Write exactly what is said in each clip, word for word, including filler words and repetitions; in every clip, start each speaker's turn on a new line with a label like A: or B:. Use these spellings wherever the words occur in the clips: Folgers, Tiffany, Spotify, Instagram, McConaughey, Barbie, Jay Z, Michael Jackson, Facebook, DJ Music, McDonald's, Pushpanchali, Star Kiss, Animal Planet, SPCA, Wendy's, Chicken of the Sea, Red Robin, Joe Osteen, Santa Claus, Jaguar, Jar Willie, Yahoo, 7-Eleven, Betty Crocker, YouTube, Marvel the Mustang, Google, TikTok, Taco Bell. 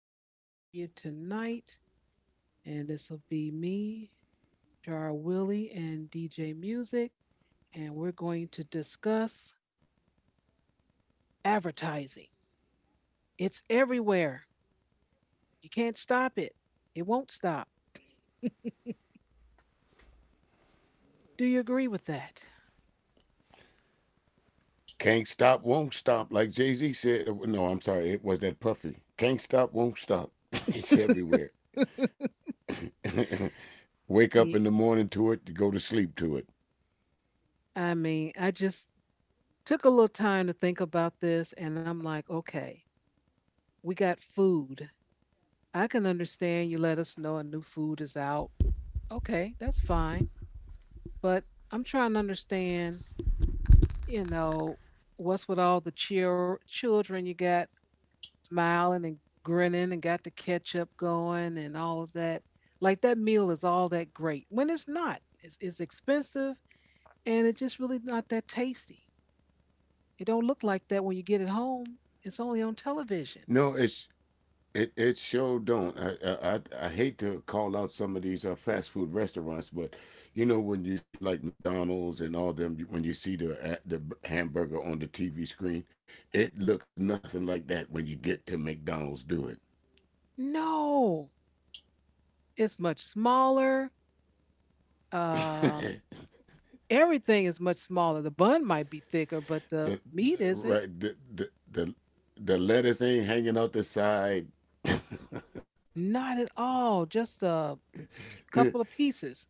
A: podcast for you tonight, and this will be me, Jar Willie, and D J Music, and we're going to discuss advertising. It's everywhere. You can't stop it. It won't stop. Do you agree with that?
B: Can't stop, won't stop. Like Jay Z said, uh, no, I'm sorry, it was that Puffy. Can't stop, won't stop. It's everywhere. Wake up
A: Yeah.
B: in the morning to it, you go to sleep to it.
A: I mean, I just took a little time to think about this, and I'm like, okay, we got food. I can understand you let us know a new food is out. Okay, that's fine. But I'm trying to understand, you know, what's with all the chil- children you got smiling and grinning and got the ketchup going and all of that. Like that meal is all that great when it's not. It's, it's expensive and it's just really not that tasty. It don't look like that when you get it home. It's only on television.
B: No, it's it it sure don't. I I I- hate to call out some of these uh, fast food restaurants, but you know when you see like McDonald's and all them, when you see the uh, the hamburger on the T V screen, it looks nothing like that when you get to McDonald's. Do
A: No, it's much smaller. Um,
B: it.
A: Everything is much smaller. The bun might be thicker, but the
B: The,
A: meat
B: the-
A: isn't.
B: right, the, the the the lettuce ain't hanging out the side.
A: Not at all. Just a couple of pieces.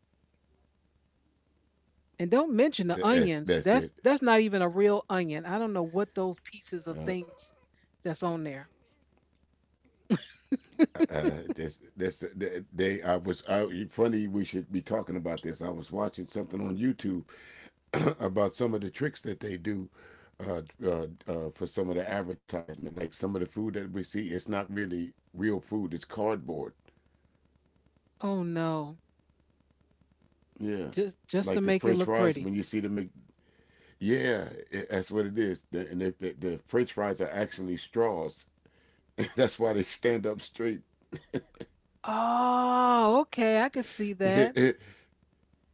A: And don't mention the
B: that's
A: onions.
B: that's
A: That's
B: it.
A: that's not even a real onion. I don't know what those pieces of things that's on there.
B: Uh, uh, that's that's that they. I was. I funny. We should be talking about this. I was watching something on YouTube about some of the tricks that they do uh, uh, uh, for some of the advertisement. Like some of the food that we see, it's not really real food. It's cardboard.
A: Oh no.
B: Yeah,
A: Just just to
B: like the
A: make it
B: French
A: look
B: fries.
A: pretty.
B: When you see the Mc- yeah, it, that's what it is. The, and they, the, the French fries are actually straws. That's why they stand up straight.
A: Oh, okay. I could see that.
B: Yeah,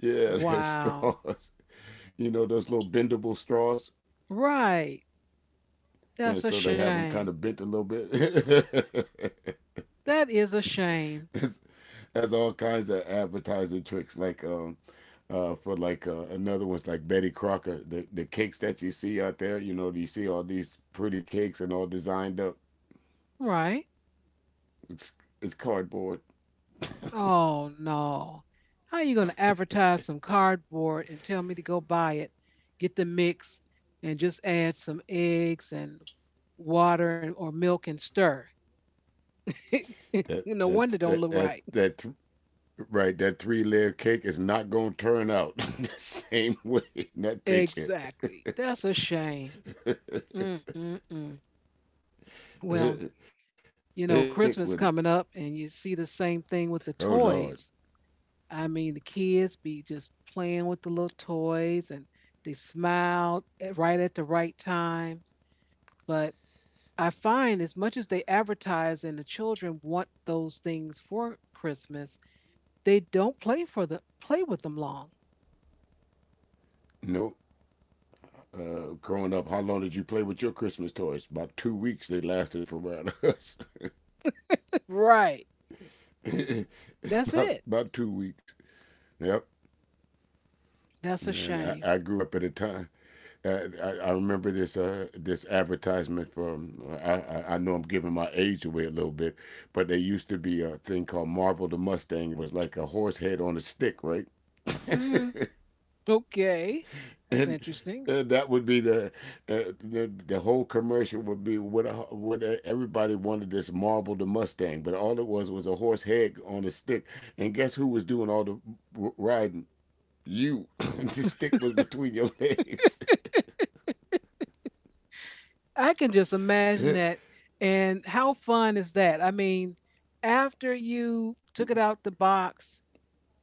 B: they're
A: Wow.
B: straws. You know those little bendable straws,
A: Right.
B: and
A: That's a
B: so they have them
A: shame.
B: kind of bent a little bit.
A: That is a shame.
B: It's- has all kinds of advertising tricks, like um, uh, for like uh, another one's like Betty Crocker, the the cakes that you see out there. You know, you see all these pretty cakes and all designed up.
A: Right.
B: It's, it's cardboard.
A: Oh no. How are you going to advertise some cardboard and tell me to go buy it, get the mix, and just add some eggs and water and, or milk and stir? You
B: That
A: no
B: that
A: wonder don't
B: that
A: look
B: that,
A: right.
B: that Right, that three layer cake is not gonna turn out the same way in that picture.
A: Exactly. That's a shame. Mm, mm, mm. Well,
B: They
A: you know,
B: slick
A: Christmas
B: with it.
A: coming up and you see the same thing with the
B: Oh Lord,
A: toys. I mean, the kids be just playing with the little toys and they smile at- right at the right time. But I find as much as they advertise and the children want those things for Christmas, they don't play for the play with them long.
B: no. Uh, growing up, how long did you play with your Christmas toys? About two weeks. They lasted for around us.
A: Right. That's
B: about
A: it.
B: about two weeks. Yep.
A: That's a
B: And I,
A: shame.
B: I grew up at a time. Uh, I, I remember this uh, this advertisement from. I, I- know I'm giving my age away a little bit, but there used to be a thing called Marvel the Mustang. It was like a horse head on a stick, right?
A: Hmm. Okay. That's
B: And
A: interesting.
B: uh, that would be the, uh, the the whole commercial would be what a, what a, everybody wanted this Marvel the Mustang, but all it was was a horse head on a stick. And guess who was doing all the r- riding? You. The stick was between your legs.
A: I can just imagine that. And how fun is that? I mean, after you took it out the box,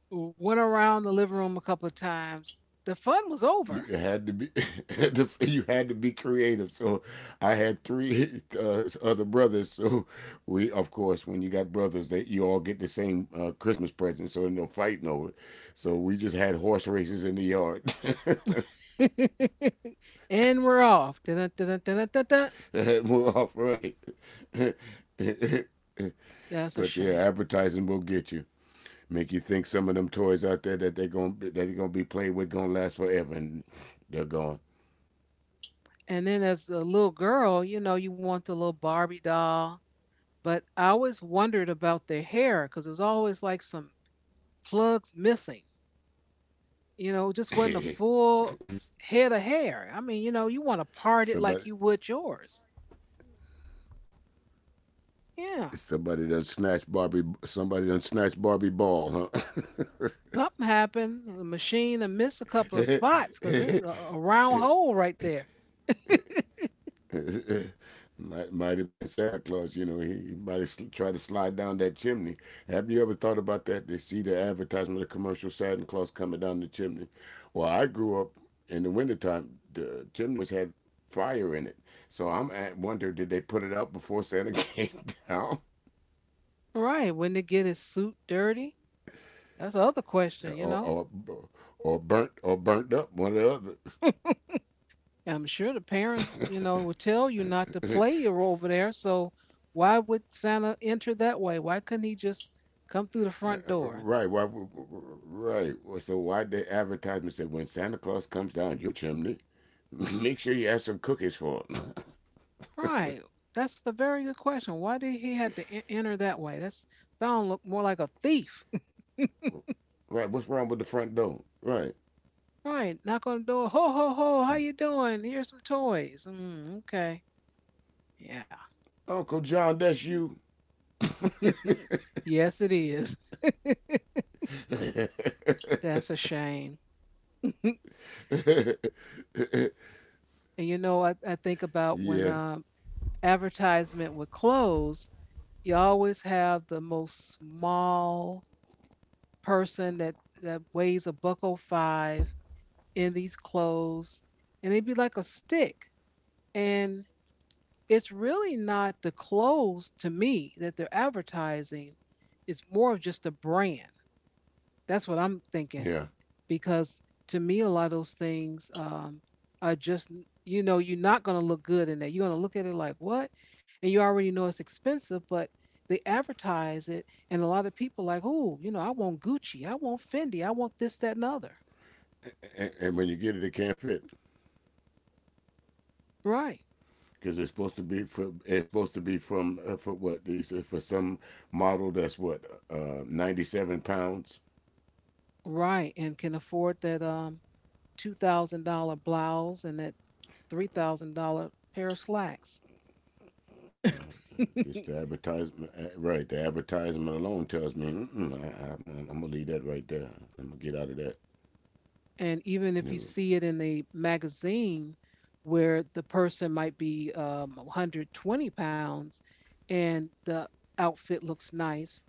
A: went around the living room a couple of times, the fun was over.
B: You had to be you had to be creative, so I had three uh, other brothers, so we, of course, when you got brothers that you all get the same uh, Christmas present, so there's no fighting over it, so we just had horse races in the yard.
A: And we're off. Dun, dun, dun, dun, dun, dun, dun.
B: We're off, right.
A: That's a
B: But yeah,
A: shame.
B: advertising will get you, make you think some of them toys out there that they're gonna that they're gonna be played with, gonna last forever, and they're gone.
A: And then as a little girl, you know, you want the little Barbie doll. But I always wondered about their hair because it was always like some plugs missing. You know, it just wasn't a full head of hair. I mean, you know, you want to part it
B: Somebody,
A: like you would yours. Yeah.
B: Somebody done snatched Barbie. Somebody done snatched Barbie ball, huh?
A: Something happened. The machine and missed a couple of spots because it's a, a round hole right there.
B: might might have been Santa Claus. You know, he, he might have sl- tried to slide down that chimney. Have you ever thought about that? They see the advertisement, the commercial Santa Claus coming down the chimney. Well, I grew up in the wintertime. The chimney always had fire in it, so I'm at wonder, did they put it out before Santa came down,
A: Right. Wouldn't it get his suit dirty? That's the other question, you
B: or
A: know?
B: or, or burnt or burnt up one or the other.
A: I'm sure the parents, you know, will tell you not to play or over there. So why would Santa enter that way? Why couldn't he just come through the
B: Uh,
A: front door?
B: Right. Why? Right. Well, so why the advertisement said, when Santa Claus comes down your chimney, make sure you have some cookies for him.
A: Right. That's a very good question. Why did he have to en- enter that way? That's sound look more like a thief.
B: Right. What's wrong with the front door? Right.
A: Right. Knock on the door. Ho ho ho. How you doing? Here's some toys. Mm, okay. Yeah.
B: Uncle John, that's you.
A: Yes, it is.
B: Yeah.
A: That's a shame. And you know, I, I think about when
B: Yeah.
A: um advertisement would close. You always have the most small person that that weighs a buck oh five in these clothes, and it'd be like a stick. And it's really not the clothes to me that they're advertising. It's more of just a brand. That's what I'm thinking. Because to me a lot of those things um, are just, you know, you're not going to look good in that. You're going to look at it like what, and you already know it's expensive, but they advertise it, and a lot of people like, oh, you know, I want Gucci, I want Fendi, I want this that and the other.
B: And, and when you get it, it can't fit
A: Right.
B: because it's supposed to be for it's supposed to be from uh, for what they said for some model, that's what, uh, ninety seven pounds.
A: Right, and can afford that um two thousand dollars blouse and that three thousand dollars pair of slacks.
B: Just the advertisement, eh, right? The advertisement alone tells me mm-mm, I, I, I'm, I'm gonna leave that right there. I'm gonna get out of that.
A: And even
B: No,
A: if you see it in the magazine where the person might be um, one hundred twenty pounds and the outfit looks nice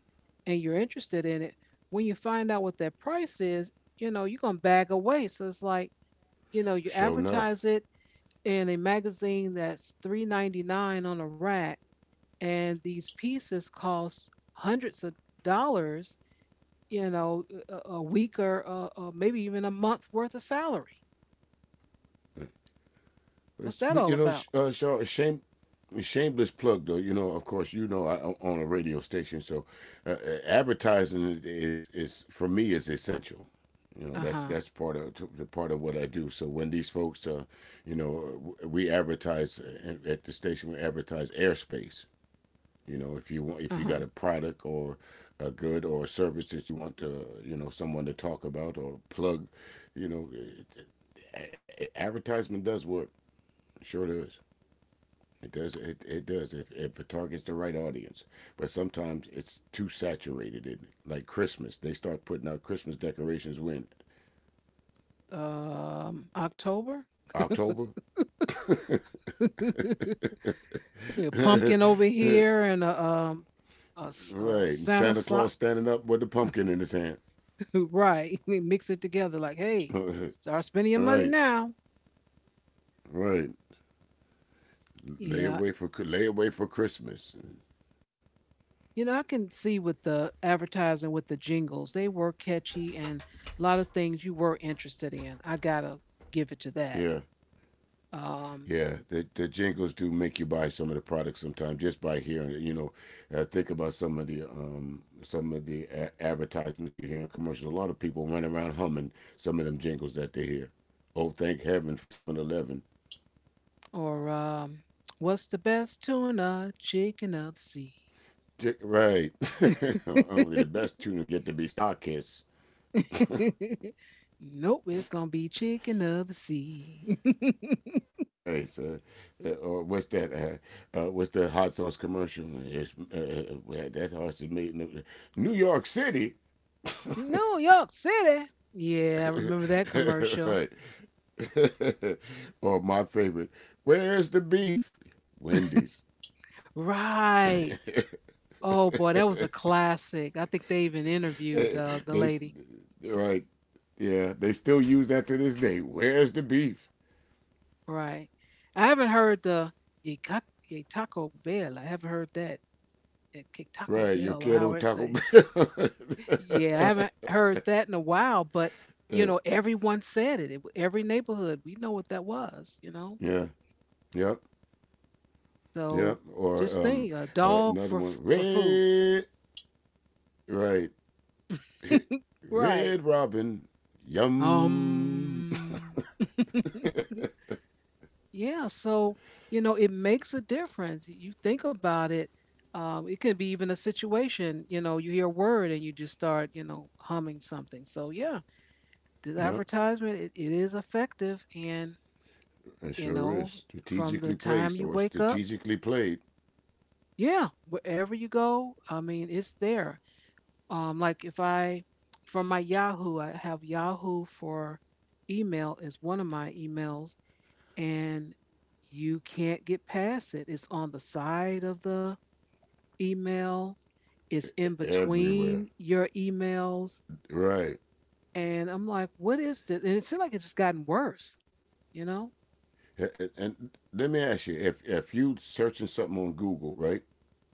A: and you're interested in it, when you find out what that price is, you know, you're going to bag away. So it's like, you know, you
B: sure enough.
A: advertise it in a magazine that's three ninety-nine on a rack and these pieces cost hundreds of dollars, you know, a, a week or uh, uh, maybe even a month worth of salary. What's
B: But,
A: that
B: but
A: all
B: you know,
A: about?
B: sh- uh, Shaw, shame, shameless plug though. You know, of course, you know, I own a radio station, so uh, uh, advertising is is for me is essential. You know, that's
A: Uh-huh.
B: that's part of the part of what I do. So when these folks, uh, you know, we advertise uh, at the station, we advertise airspace. You know, if you want, if you
A: Uh-huh.
B: got a product or a good or a service that you want to, you know, someone to talk about or plug, you know, it, it- advertisement does work. Sure does. It does. It, it does. If, if it targets the right audience, but sometimes it's too saturated. Isn't it? Like Christmas, they start putting out Christmas decorations when
A: Um, October.
B: October,
A: Yeah,
B: right?
A: pumpkin over here and a um a, s- a
B: And
A: Santa
B: Santa Claus
A: sock.
B: standing up with the pumpkin in his hand.
A: Right. We mix it together. Like, hey, start spending your money
B: Right.
A: now.
B: Right. Lay
A: Yeah,
B: away for lay away for Christmas. And
A: you know I can see with the advertising with the jingles, they were catchy and a lot of things you were interested in. I gotta give it to that.
B: yeah,
A: Um,
B: yeah. The the jingles do make you buy some of the products sometimes just by hearing it. You know, uh, think about some of the um some of the a- advertisements you hear in commercials. A lot of people run around humming some of them jingles that they hear. Oh, thank heaven for seven-Eleven.
A: or um, what's the best tuna? Chicken of the sea.
B: J- Right. Only the best tuna get to be Star Kiss.
A: Nope, it's gonna be chicken of the sea.
B: All right, so, uh, or what's that? Uh, uh, what's the hot sauce commercial? It's, uh, uh, that sauce is made in New York City.
A: New York City. Yeah, I remember that commercial.
B: Right. Or my favorite, where's the beef? Wendy's.
A: Right. Oh boy, that was a classic. I think they even interviewed
B: Eh,
A: uh, the
B: They s-
A: lady.
B: right. Yeah, they still use that to this day. Where's the beef?
A: Right. I haven't heard the Ye Ca- Ye Taco Bell. I haven't heard that. Ye Ca- Taco
B: Right, yo
A: Bell or
B: quiero
A: how it
B: Taco
A: say.
B: Bell.
A: Yeah, I haven't heard that in a while, but you
B: Eh,
A: know, everyone said it. It every neighborhood, we know what that was, you know.
B: yeah. Yep. Yep.
A: So
B: Or
A: just
B: um
A: think, a
B: uh,
A: dog
B: another
A: for
B: one,
A: f- for food.
B: red. Right.
A: Right.
B: Red Robin. Yum.
A: Um. Yeah. So you know, it makes a difference. You think about it. Um, it could be even a situation. You know, you hear a word and you just start, you know, humming something. So yeah, the
B: Yep.
A: advertisement it, it is effective, and
B: It
A: you
B: sure
A: know,
B: is
A: from the
B: strategically
A: time
B: placed
A: you
B: or
A: wake up,
B: strategically played.
A: yeah, wherever you go, I mean, it's there. Um, like if I, for my Yahoo, I have Yahoo for email is one of my emails, and you can't get past it. It's on the side of the email. It's in between
B: Everywhere.
A: your emails,
B: Right.
A: and I'm like, what is this? And it seemed like it's just gotten worse. You know?
B: And, and let me ask you, if if you searching something on Google, right,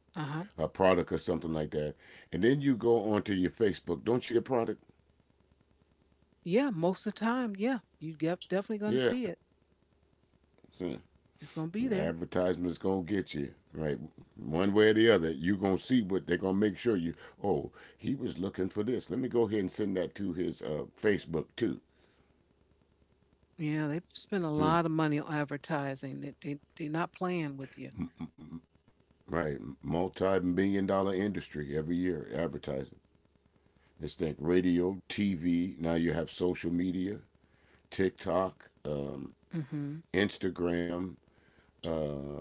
A: Uh huh.
B: a product or something like that, and then you go onto your Facebook, don't you see the product?
A: Yeah, most of the time, yeah, you get definitely gonna
B: Yeah.
A: see it.
B: Hmm.
A: It's gonna be there.
B: Advertisement's gonna get you right, one way or the other. You gonna see what they gonna make sure you. Oh, he was looking for this. Let me go ahead and send that to his uh, Facebook too.
A: Yeah, they've spent a lot
B: Hmm.
A: of money on advertising. They, they, they're not playing with you.
B: Right, multi-million dollar industry every year, advertising. Just think radio, T V. Now you have social media. TikTok, um,
A: Mm-hmm.
B: Instagram, uh,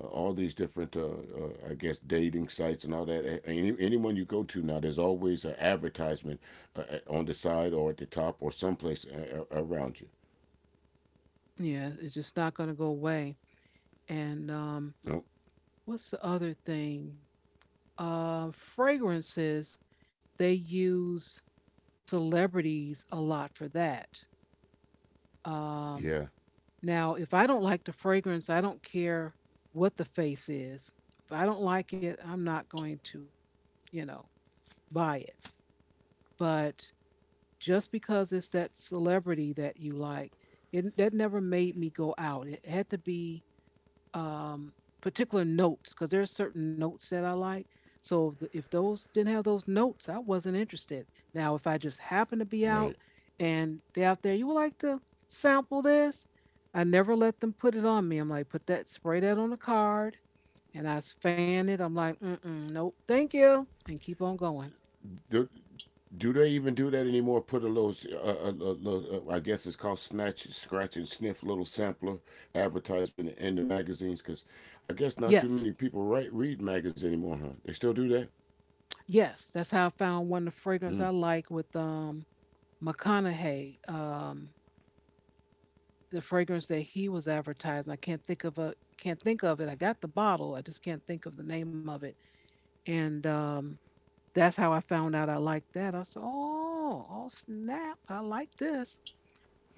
B: all these different, uh, uh, I guess, dating sites and all that. Any, anyone you go to now, there's always an advertisement uh, uh, on the side or at the top or someplace a- a- around you.
A: Yeah, it's just not going to go away. And um,
B: Oh,
A: what's the other thing? Uh, fragrances, they use celebrities a lot for that.
B: yeah.
A: Um, now, if I don't like the fragrance, I don't care what the face is. If I don't like it, I'm not going to, you know, buy it. But just because it's that celebrity that you like, it, that never made me go out. It had to be um, particular notes because there are certain notes that I like. So if, the, if those didn't have those notes, I wasn't interested. Now, if I just happen to be
B: All
A: out
B: right.
A: and they're out there, you would like to sample this? I never let them put it on me. I'm like, put that, spray that on the card, and I fan it. I'm like, mm-mm, nope, thank you, and keep on going.
B: Do, do they even do that anymore? Put a little, uh, a, a little uh, I guess it's called snatch, scratch and sniff, little sampler advertisement in the magazines, because I guess not too many
A: Yes,
B: people write read magazines anymore, huh? They still do that.
A: yes, that's how I found one of the fragrances I
B: Mm,
A: like with um McConaughey. Um, the fragrance that he was advertising. I can't think of a Can't think of it. I got the bottle. I just can't think of the name of it. And um, that's how I found out I liked that. I said, oh, oh snap, I like this.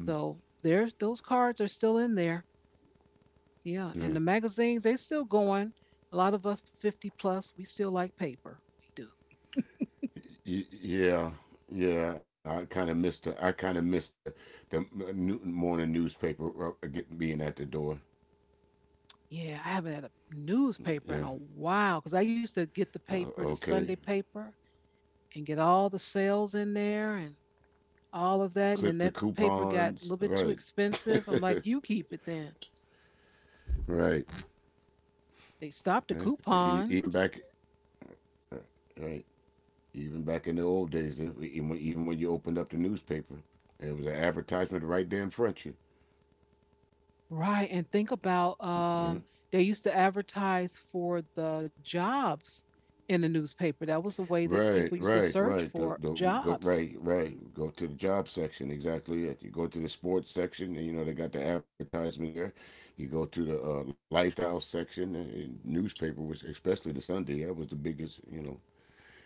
A: So there's those cards are still in there. Yeah, and
B: yeah.
A: the magazines they are still going. A lot of us fifty plus, we still like paper. We do.
B: Y- Yeah, yeah. I, I kind of missed the I kind of missed the the new, morning newspaper uh, getting being at the door.
A: Yeah, I haven't had a newspaper in
B: Yeah.
A: a while because I used to get the
B: Uh,
A: paper, the Sunday
B: okay.
A: paper, and get all the sales in there and all of that. And then
B: Clip the
A: that paper got a
B: coupons.
A: little bit too
B: Right.
A: expensive. I'm like, you keep it then.
B: Right.
A: They stopped the
B: Eh, e-
A: coupons.
B: Even back. Right. Even back in the old days, eh, even when, even when you opened up the newspaper, it was an advertisement right there in front of you.
A: Right. And think about um,
B: Yeah.
A: they used to advertise for the jobs in the newspaper. That was a way that people
B: Right,
A: used to
B: right,
A: search
B: right.
A: for
B: The the we go
A: jobs.
B: right, right. Go to the job section. Exactly it. You go to the sports section, and you know they got the advertisement there. You go to the uh, lifestyle section, and newspaper was especially the Sunday. That was the biggest, you know.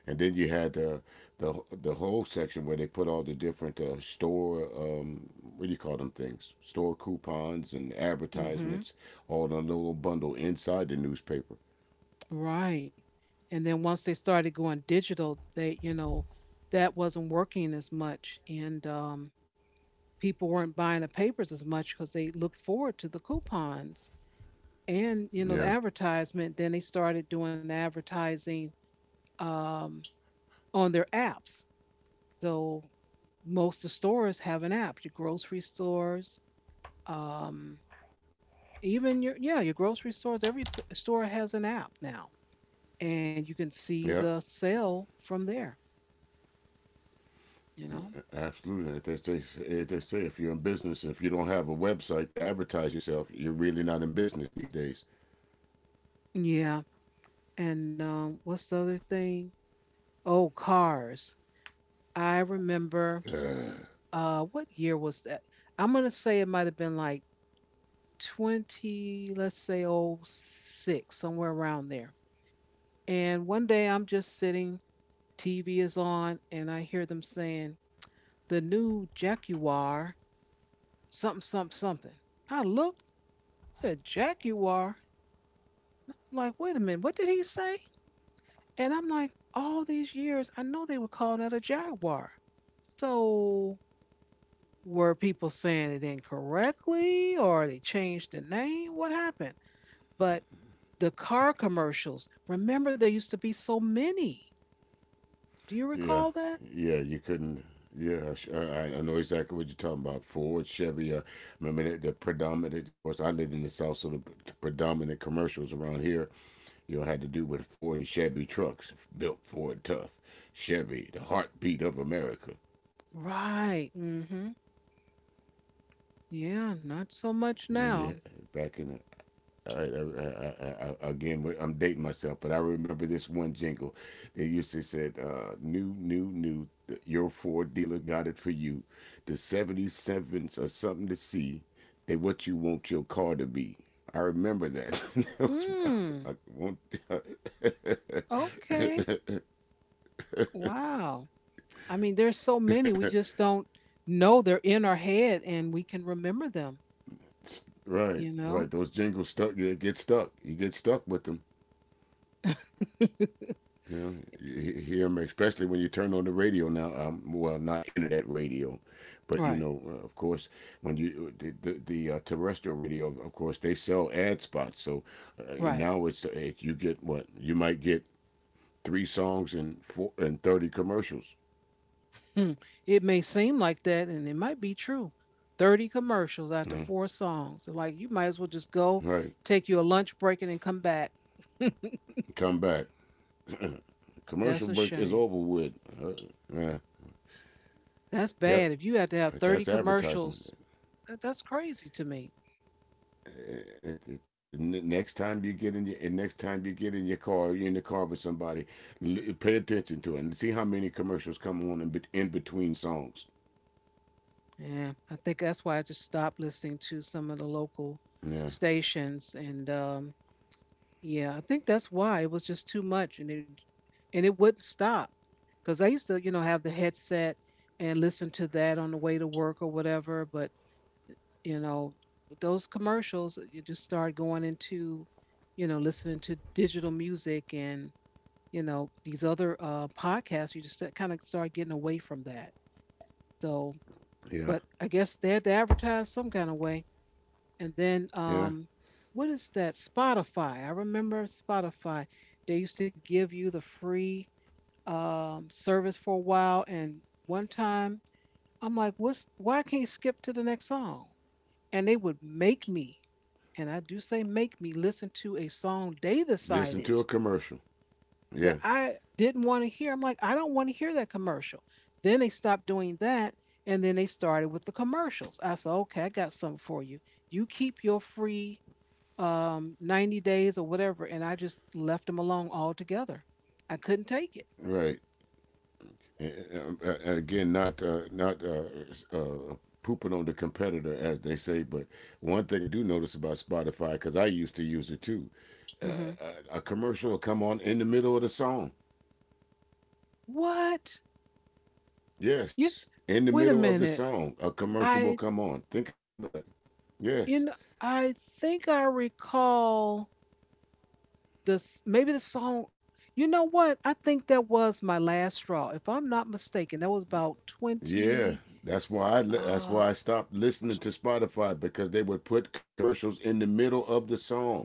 B: And then you had the the the whole section where they put all the different uh, store um, what do you call them things, store coupons and
A: Hmm.
B: advertisements, all in a little bundle inside the newspaper.
A: Right. And then once they started going digital, they, you know, that wasn't working as much. And um, people weren't buying the papers as much because they looked forward to the coupons, and you know the
B: Yeah,
A: advertisement. Then they started doing the advertising um, on their apps, so most of the stores have an app. Your grocery stores, um, even your, yeah, your grocery stores, every p- store has an app now, and you can see the
B: yeah.
A: sale from there, you know.
B: Absolutely. They say, they say, if you're in business, if you don't have a website to advertise yourself, you're really not in business these days.
A: Yeah, and um, what's the other thing? Oh, cars. I remember,
B: Uh,
A: uh, what year was that? I'm going to say it might have been like twenty, let's say oh six, somewhere around there. And one day I'm just sitting, T V is on, and I hear them saying, the new Jaguar, something, something, something. I look, the Jaguar, like, wait a minute, what did he say? And I'm like, all these years, I know they were calling it a Jaguar. So were people saying it incorrectly or they changed the name? What happened? But the car commercials. Remember, there used to be so many. Do you
B: yeah,
A: recall that?
B: yeah, you couldn't. Yeah, I I, know exactly what you're talking about. Ford, Chevy. Uh, remember the, the predominant. Of course, I lived in the south, so the predominant commercials around here, you know, had to do with Ford and Chevy trucks, built Ford tough, Chevy, the heartbeat of America.
A: Right. mm hmm Yeah, not so much
B: And then you
A: now.
B: back in the All right, I, I, I, again, I'm dating myself, but I remember this one jingle. They used to say, uh, "New, new, new, th- your Ford dealer got it for you. The 'seventy-sevens are something to see. They what you want your car to be." I remember that. That was, I
A: Mm,
B: I want,
A: okay. Wow. I mean, there's so many. We just don't know they're in our head and we can remember them,
B: right,
A: you
B: right.
A: know?
B: Those jingles stuck. You get stuck. You get stuck with them. You know, you hear them, especially when you turn on the radio now. Um, well, not internet radio, but you
A: Right,
B: know, uh, of course, when you uh, the the, the uh, terrestrial radio, of course, they sell ad spots. So uh,
A: right.
B: now it's uh, you get what you might get three songs and four and thirty commercials.
A: Hmm. It may seem like that, and it might be true. thirty commercials after four songs. So, like, you might as well just go,
B: Right,
A: take you a lunch break, and then come back.
B: come back.
A: That's a
B: Commercial break is
A: shame.
B: over with. Uh, yeah,
A: That's
B: yep.
A: bad. If you had to have
B: But that's
A: thirty
B: advertisement.
A: commercials, that, that's crazy to me.
B: Next time you get in your and next time you get in your car, you're in the car with somebody, pay attention to it and see how many commercials come on in, in between songs.
A: Yeah, I think that's why I just stopped listening to some of the local
B: Yeah.
A: stations. And um, Yeah, I think that's why it was just too much, and it and it wouldn't stop. Because I used to, you know, have the headset and listen to that on the way to work or whatever. But you know, with those commercials, uh, you just start going into, you know, listening to digital music and, you know, these other uh, podcasts. You just uh, kind of start getting away from that. So
B: Yeah,
A: but I guess they had to advertise some kind of way. and then
B: yeah,
A: um what is that, Spotify? I remember Spotify. They used to give you the free um service for a while. And one time I'm like, what's, why I can't skip to the next song? And they would make me, and I do say make me, listen to a song they
B: listen
A: decided
B: to a commercial.
A: that
B: Yeah,
A: I didn't want to hear. I'm like, I don't want to hear that commercial. Then they stopped doing that, and then they started with the commercials. I said, okay, I got something for you. You keep your free, um, ninety days or whatever, and I just left them alone altogether. I couldn't take it.
B: right. And, uh, again not uh, not uh, uh, pooping on the competitor, as they say. But one thing I do notice about Spotify, because I used to use it too,
A: Hmm.
B: a commercial will come on in the middle of the song.
A: What? You
B: Yes. In the
A: wait a
B: middle of the
A: minute.
B: song, a commercial will
A: I,
B: come on. Think about it. Yes.
A: you know, I think I recall this, maybe the song. You know what, I think that was my last straw, if I'm not mistaken. That was about
B: Yeah.
A: twenty,
B: That's why I that's why I
A: uh
B: stopped listening to Spotify because they would put commercials in the middle of the song.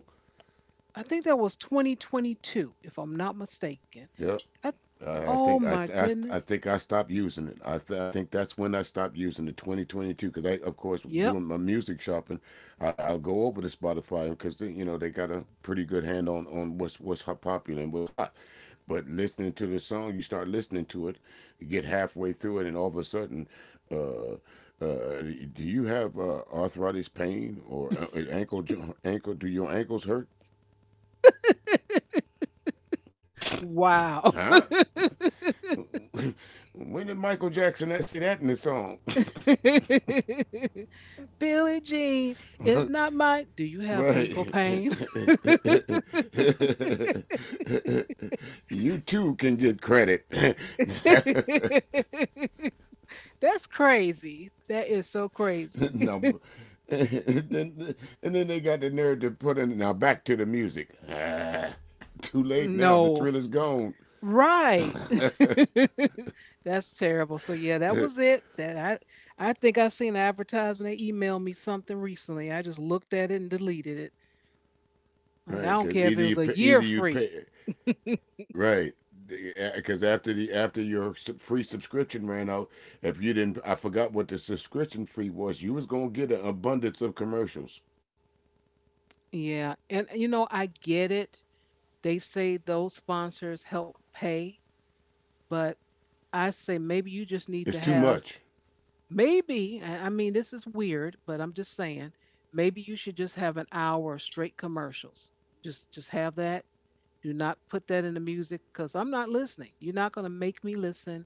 A: I think that was twenty twenty-two, if I'm not mistaken.
B: Yep.
A: I,
B: I I
A: oh
B: think I,
A: my
B: I, I
A: goodness.
B: think I stopped using it. I th- I think that's when I stopped using it, twenty twenty-two, because I, of course,
A: Yep.
B: doing my music shopping, I, I'll go over to Spotify because you know they got a pretty good hand on on what's what's hot, popular and what's hot. But listening to the song, you start listening to it, you get halfway through it, and all of a sudden, uh, uh, do you have uh, arthritis pain or uh, ankle jo- ankle? Do your ankles hurt?
A: Wow.
B: Huh? When did Michael Jackson say that in the song?
A: Billie Jean is not my, do you have ankle
B: Right.
A: pain?
B: You too can get credit.
A: That's crazy. That is so crazy.
B: No. then, and then they got the nerve to put in, now back to the music. Ah, too late now. The
A: No.
B: thrill is gone.
A: Right. That's terrible. So yeah, that was it. That I I think I seen an advertisement. They emailed me something recently. I just looked at it and deleted it. Like,
B: Right,
A: I don't
B: because
A: care if
B: either
A: it
B: you
A: was a
B: pay, either
A: year
B: you
A: free.
B: pay. Right, because after the after your sub- free subscription ran out, if you didn't — I forgot what the subscription fee was — you was gonna get an abundance of commercials.
A: Yeah. And you know, I get it. They say those sponsors help pay, but I say maybe you just need to
B: It's too
A: have,
B: much.
A: maybe, I I mean, this is weird, but I'm just saying, maybe you should just have an hour of straight commercials. Just just have that. Do not put that in the music because I'm not listening. You're not going to make me listen.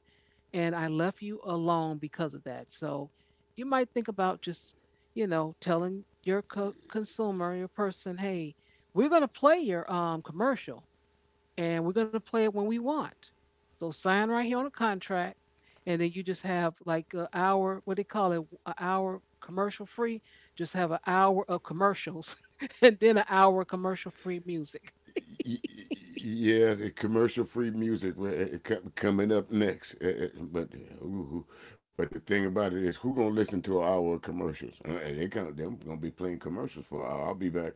A: And I left you alone because of that. So you might think about just, you know, telling your co- consumer, your person, hey, we're going to play your um, commercial, and we're going to play it when we want. So sign right here on a contract, and then you just have like an hour, what they call it, an hour commercial free. Just have an hour of commercials, and then an hour of commercial free music.
B: Yeah, commercial-free music, well, coming up next. Eh, eh, But uh, but the thing about it is, who gonna listen to an hour of commercials? Uh, They gonna they're gonna be playing commercials for an hour. I'll be back.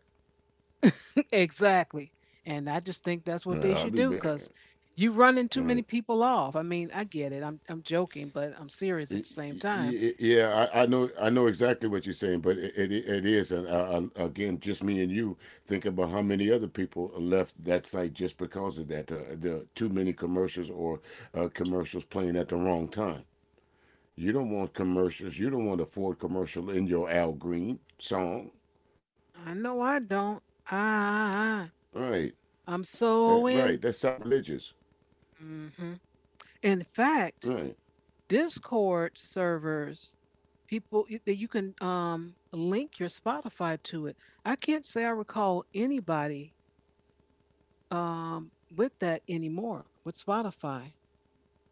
A: Exactly. And I just think that's what
B: Uh,
A: they
B: I'll
A: should
B: be
A: do
B: back.
A: because you running too
B: Uh, All
A: many
B: right.
A: people off. I mean, I get it. I'm I'm joking, but I'm serious at the same time.
B: Yeah, I, I know I know exactly what you're saying, but it it, it is, and uh, uh, again, just me and you, think about how many other people left that site just because of that. Uh, the too many commercials, or uh, commercials playing at the wrong time. You don't want commercials. You don't want a Ford commercial in your Al Green song.
A: I know I don't. I
B: Right.
A: I'm
B: That-
A: so
B: right.
A: in.
B: That's sacrilegious.
A: Hmm. In fact,
B: Right.
A: Discord servers, people y- that you can um, link your Spotify to it. I can't say I recall anybody um, with that anymore, with Spotify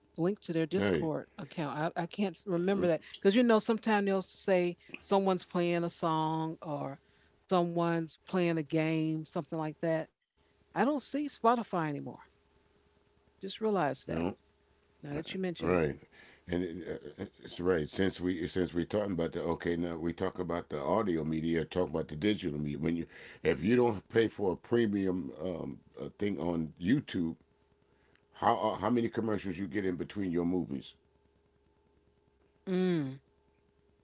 A: linked to their Discord
B: Right.
A: account. I, I can't s- remember that because you know, sometimes they'll say someone's playing a song or someone's playing a game, something like that. I don't see Spotify anymore. Just realize
B: You
A: that
B: know.
A: now that you mention it.
B: Right. And it, uh, it's right since we since we're talking about the — okay, now we talk about the audio media, talk about the digital media — when you, if you don't pay for a premium um, uh thing on YouTube, how uh, how many commercials you get in between your movies.
A: Mm,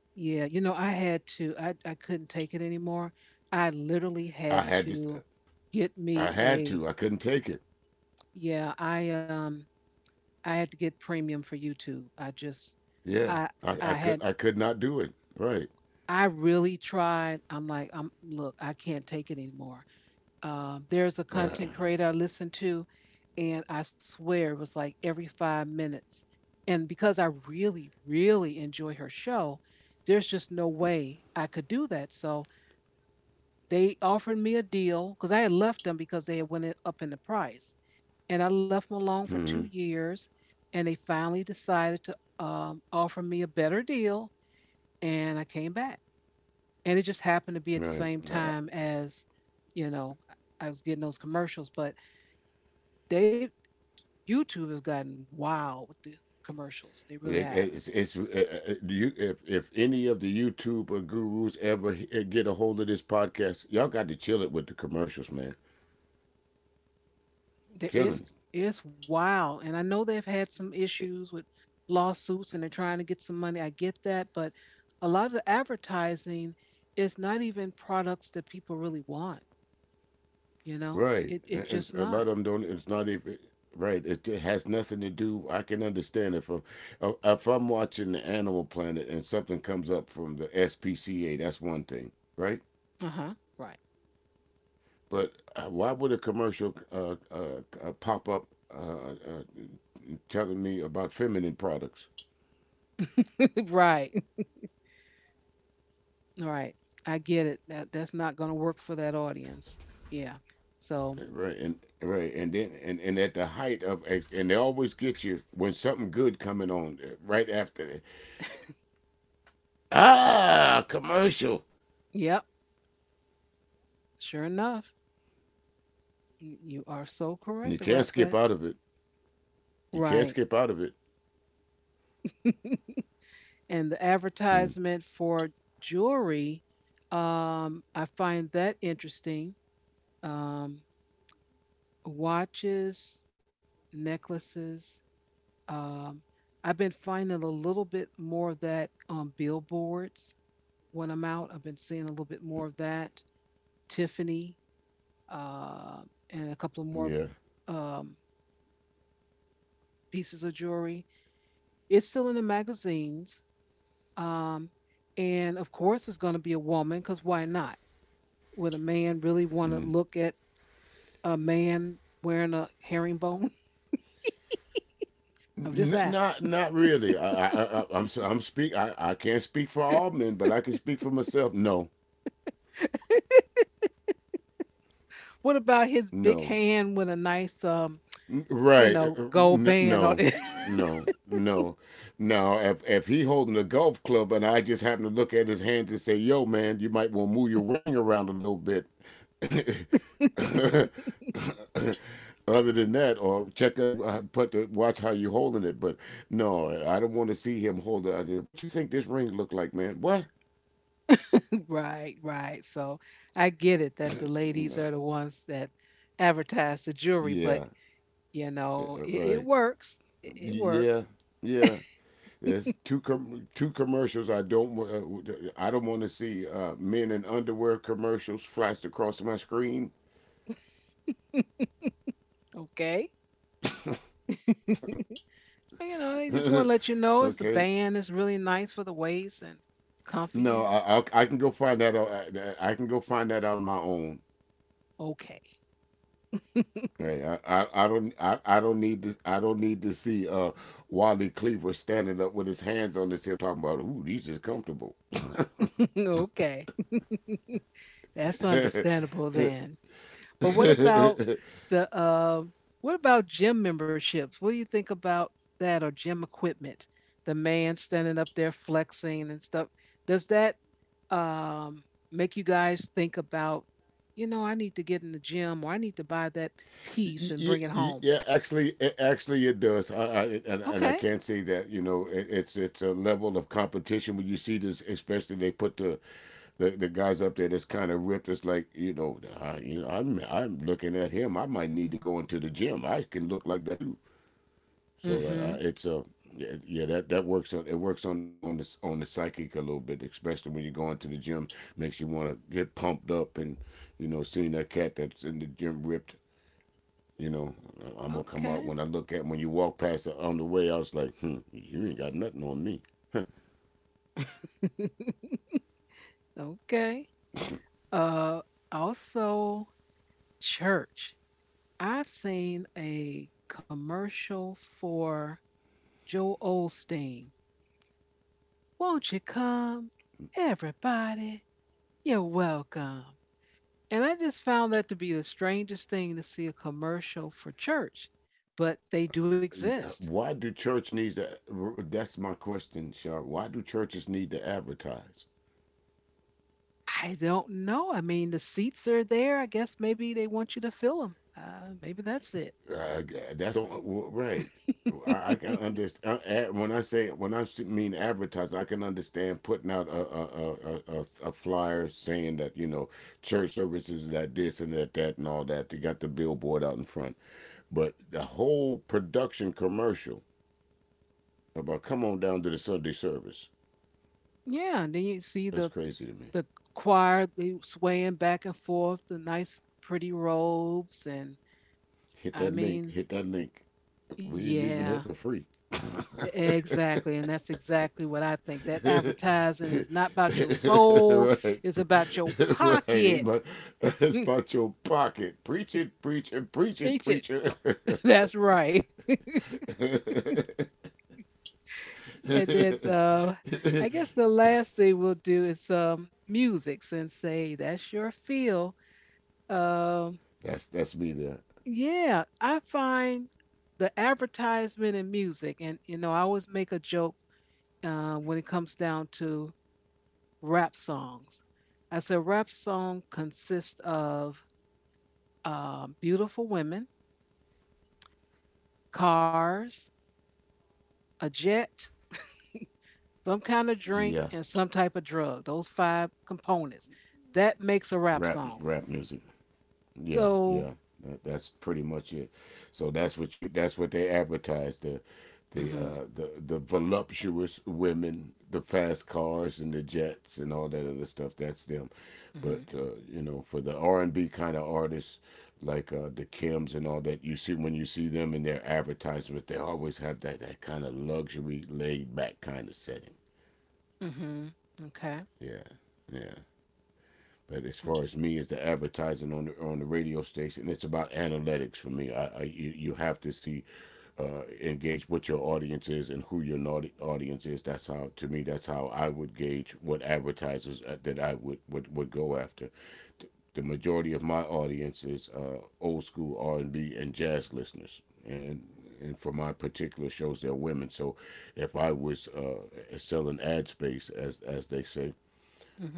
A: yeah, you know, I had to. I I couldn't take it anymore. I literally
B: I
A: had
B: had this.
A: to get
B: I
A: me
B: had to.
A: a,
B: I couldn't take it.
A: yeah, I um I had to get premium for YouTube. I just,
B: Yeah.
A: I
B: I I
A: I
B: could
A: had
B: I could not do it, right.
A: I really tried. I'm like, I'm look, I can't take it anymore. Um, there's a
B: uh,
A: content creator I listened to, and I swear it was like every five minutes. And because I really, really enjoy her show, there's just no way I could do that. So they offered me a deal because I had left them because they had went it- up in the price, and I left them alone for two
B: Mm-hmm.
A: years. And they finally decided to um, offer me a better deal, and I came back. And it just happened to be at the
B: Right.
A: same
B: Nah,
A: time as, you know, I I was getting those commercials, but they, YouTube has gotten wild with the commercials. They really
B: it-
A: have.
B: it's it's uh, uh, uh, you if if any of the YouTube gurus ever he- get a hold of this podcast, y'all got to chill it with the commercials, man.
A: There
B: Killing
A: is, it's wild, and I know they've had some
B: it.
A: issues with lawsuits, and they're trying to get some money. I get that, but a lot of the advertising is not even products that people really want. You know,
B: Right.
A: it, it's
B: And it's
A: just
B: a lot of
A: not.
B: them don't. It's not even. Right, it, it has nothing to do. I can understand it from uh, uh, if I'm watching the Animal Planet and something comes up from the S P C A. That's one thing, right?
A: Uh huh. Right.
B: But uh, why would a commercial uh, uh, uh, pop up uh, uh, telling me about feminine products,
A: Right. Right. I get it. That that's not going to work for that audience. Yeah. So,
B: right? And right, and then and, and at the height of — and they always get you when something good coming on uh, right after that. Ah, commercial.
A: yep. Sure enough, y- you are so
B: And you
A: correct
B: can't
A: about
B: skip
A: that.
B: out of it. You
A: Right.
B: can't skip out of it.
A: And the
B: Hmm.
A: advertisement for jewelry, um, I find that interesting. Um, Watches, necklaces. Um, I've been finding a little bit more of that on billboards when I'm out. I've been seeing a little bit more of that. Tiffany, uh, and a couple of
B: Yeah.
A: more um, pieces of jewelry. It's still in the magazines. Um, and of course, it's going to be a woman because why not? Would a man really want to look at a man wearing a herringbone? I'm just
B: N-
A: asking.
B: not not really. I I, I I'm i I'm speak. I, I can't speak for all men, but I can speak for myself. No,
A: What about his big
B: no.
A: hand with a nice, um, you
B: Right. Uh,
A: know,
B: uh,
A: gold
B: n-
A: band on
B: no,
A: it?
B: no, no, no. If if he holding a golf club and I just happen to look at his hands and say, "Yo, man, you might want to move your ring around a little bit." Other than that, or check uh, uh, put the, watch how you holding it. But no, I don't want to see him hold it out there. What you think this ring look like, man? What?
A: Right, right. So I get it that the ladies
B: No.
A: are the ones that advertise the jewelry, but
B: Yeah.
A: you
B: Uh,
A: know,
B: uh,
A: it, it
B: Right.
A: works. It, it works.
B: Yeah. Yeah. There's two com- two commercials I don't — uh, I don't want to see uh, men in underwear commercials flashed across my screen.
A: Okay. And, you know, they just want to let you know it's the
B: Okay,
A: band. It's really nice for the waist and comfy,
B: no,
A: you know.
B: I, I I can go find that out. I, I can go find that out on my own.
A: Okay.
B: Right, I, I, I don't I, I don't need to — I don't need to see uh Wally Cleaver standing up with his hands on his hip talking about, ooh, these are comfortable.
A: Okay. That's understandable then. But what about the uh, what about gym memberships? What do you think about that or gym equipment? The man standing up there flexing and stuff. Does that um, make you guys think about, you know, I need to get in the gym or I need to buy that piece and
B: Yeah,
A: bring it home?
B: yeah, actually, it, actually, it does. I, I and, and
A: Okay.
B: I can't say that, you know, it, it's it's a level of competition when you see this, especially they put the the, the guys up there that's kind of ripped. It's like, you know, I, you know, I'm I'm looking at him. I might need to go into the gym. I can look like that too. So uh,
A: Mm-hmm.
B: uh, it's a yeah, yeah, that that works on — it works on on the on the psychic a little bit, especially when you're going to the gym. Makes you want to get pumped up and, you know, seeing that cat that's in the gym ripped, you know, I'm gonna come out
A: Okay.
B: when I look at when you walk past it on the way, I was like, hmm, you ain't got nothing on me.
A: Okay. Uh, Also, church. I've seen a commercial for Joe Osteen. Won't you come, everybody? You're welcome. And I just found that to be the strangest thing, to see a commercial for church, but they do
B: Yeah,
A: exist.
B: why do church needs to? That's my question, Shar. Why do churches need to advertise?
A: I don't know. I mean, the seats are there. I guess maybe they want you to fill them. Uh, maybe that's it.
B: Uh, that's the well, right. I, I can understand — when I say, when I mean advertising, I can understand putting out a a, a, a a flyer saying that, you know, church services that this and that, that and all that. They got the billboard out in front, but the whole production commercial about come on down to the Sunday service.
A: Yeah, and then you see the
B: That's crazy to me.
A: the choir, they swaying back and forth, the nice pretty robes and,
B: Hit
A: I
B: that link.
A: mean,
B: Hit that link. We ain't leaving
A: yeah,
B: here for free.
A: exactly. And that's exactly what I think. That
B: Right.
A: advertising is not about your soul, it's about your
B: Right. Ain't
A: pocket.
B: my, That's about your pocket. Preach it, preach it, preach it,
A: Eat it.
B: preacher.
A: That's right. and then uh I guess the last thing we'll do is um music, since say that's your feel. Um
B: That's that's me there.
A: Yeah, I find the advertisement and music, and you know, I always make a joke uh, when it comes down to rap songs. I said rap song consists of um, beautiful women, cars, a jet, some kind of drink,
B: Yeah.
A: and some type of drug. Those five components that makes a rap
B: Rap
A: song.
B: rap music. Yeah,
A: So,
B: yeah. That, that's pretty much it. So that's what you — that's what they advertise, the the
A: mm-hmm,
B: uh the the voluptuous women, the fast cars and the jets and all that other stuff. That's them.
A: mm-hmm,
B: But uh, you know, for the R and B kind of artists, like uh the Kims and all that, you see, when you see them in their advertisements, they always have that that kind of luxury, laid back kind of setting.
A: mm-hmm, okay,
B: Yeah, yeah. But as far as me, as the advertising on the on the radio station, it's about analytics for me. I, I you, you have to see, uh, engage what your audience is and who your naudi- audience is. That's how — to me, that's how I would gauge what advertisers uh, that I would would, would go after. Th- The majority of my audience is uh, old school R and B and jazz listeners, and and for my particular shows they're women. So if I was uh, selling ad space, as as they say,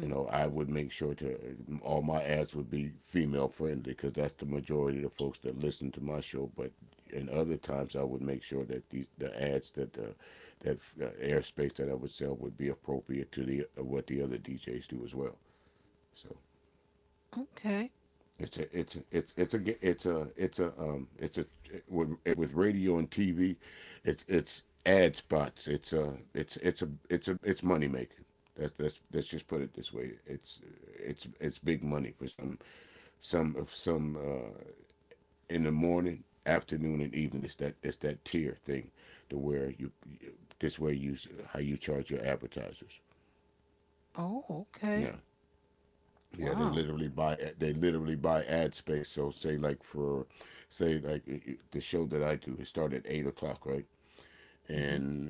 B: you know, I would make sure to — all my ads would be female friendly because that's the majority of the folks that listen to my show. But in other times, I would make sure that these — the ads that the — that uh, airspace that I would sell would be appropriate to the what the other D Js do as well. So
A: okay,
B: it's a it's a, it's it's a it's a it's a um it's a with, with radio and T V, it's it's ad spots. It's a it's it's a it's a it's money making. That's — that's let's just put it this way. It's it's it's big money for some some of some uh, in the morning, afternoon, and evening. It's that — it's that tier thing, to where you — this way you — how you charge your advertisers.
A: oh, okay,
B: Yeah. Yeah, they
A: wow.
B: literally buy they literally buy ad space. So say like for — say like the show that I do, it started at eight o'clock, right?
A: Mm-hmm.
B: And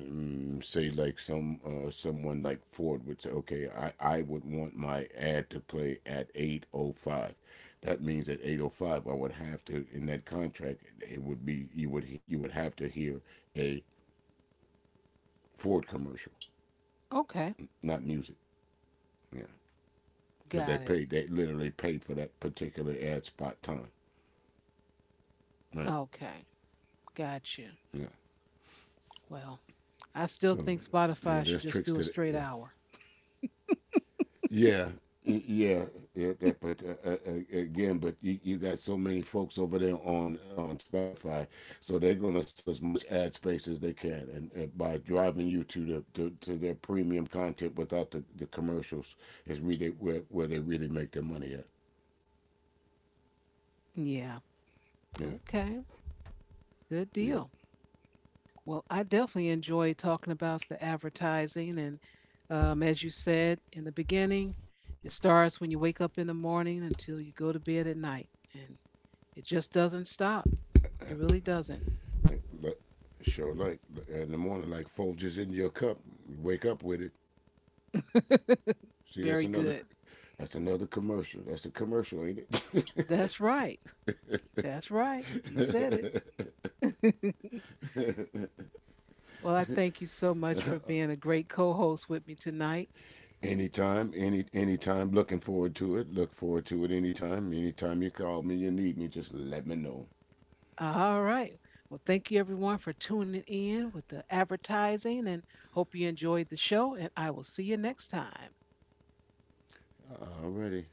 B: mm, say like some uh, someone like Ford would say, okay, I, I would want my ad to play at eight o five. That means at eight o five, I would have to — in that contract, it would be, you would he- you would have to hear a Ford commercial,
A: Okay,
B: not music. Yeah, because they
A: got it.
B: paid they literally paid for that particular ad spot time, right?
A: Okay, got you.
B: Yeah.
A: Well, I still
B: So
A: think
B: yeah,
A: Spotify should
B: there's
A: just
B: tricks
A: do a
B: to that.
A: straight
B: Yeah,
A: hour.
B: yeah, yeah. Yeah that, but uh, uh, uh, again, but you, you got so many folks over there on on Spotify, so they're gonna sell as much ad space as they can, and, and by driving you to the to, to their premium content without the, the commercials is really where where they really make their money at.
A: Yeah.
B: Yeah.
A: Okay. Good deal.
B: Yep.
A: Well, I definitely enjoy talking about the advertising. And um, As you said in the beginning, it starts when you wake up in the morning until you go to bed at night. And it just doesn't stop. It really doesn't.
B: Like, like sure, like in the morning, like Folgers in your cup. Wake up with it. See, that's
A: Very
B: another
A: good.
B: that's another commercial. That's a commercial, ain't it?
A: That's right. That's right. You said it. Well, I thank you so much for being a great co host with me tonight.
B: Anytime, any anytime. Looking forward to it. Look forward to it anytime. Anytime you call me, you need me, just let me know.
A: All right. Well, thank you everyone for tuning in with the advertising, and hope you enjoyed the show. And I will see you next time.
B: Alrighty.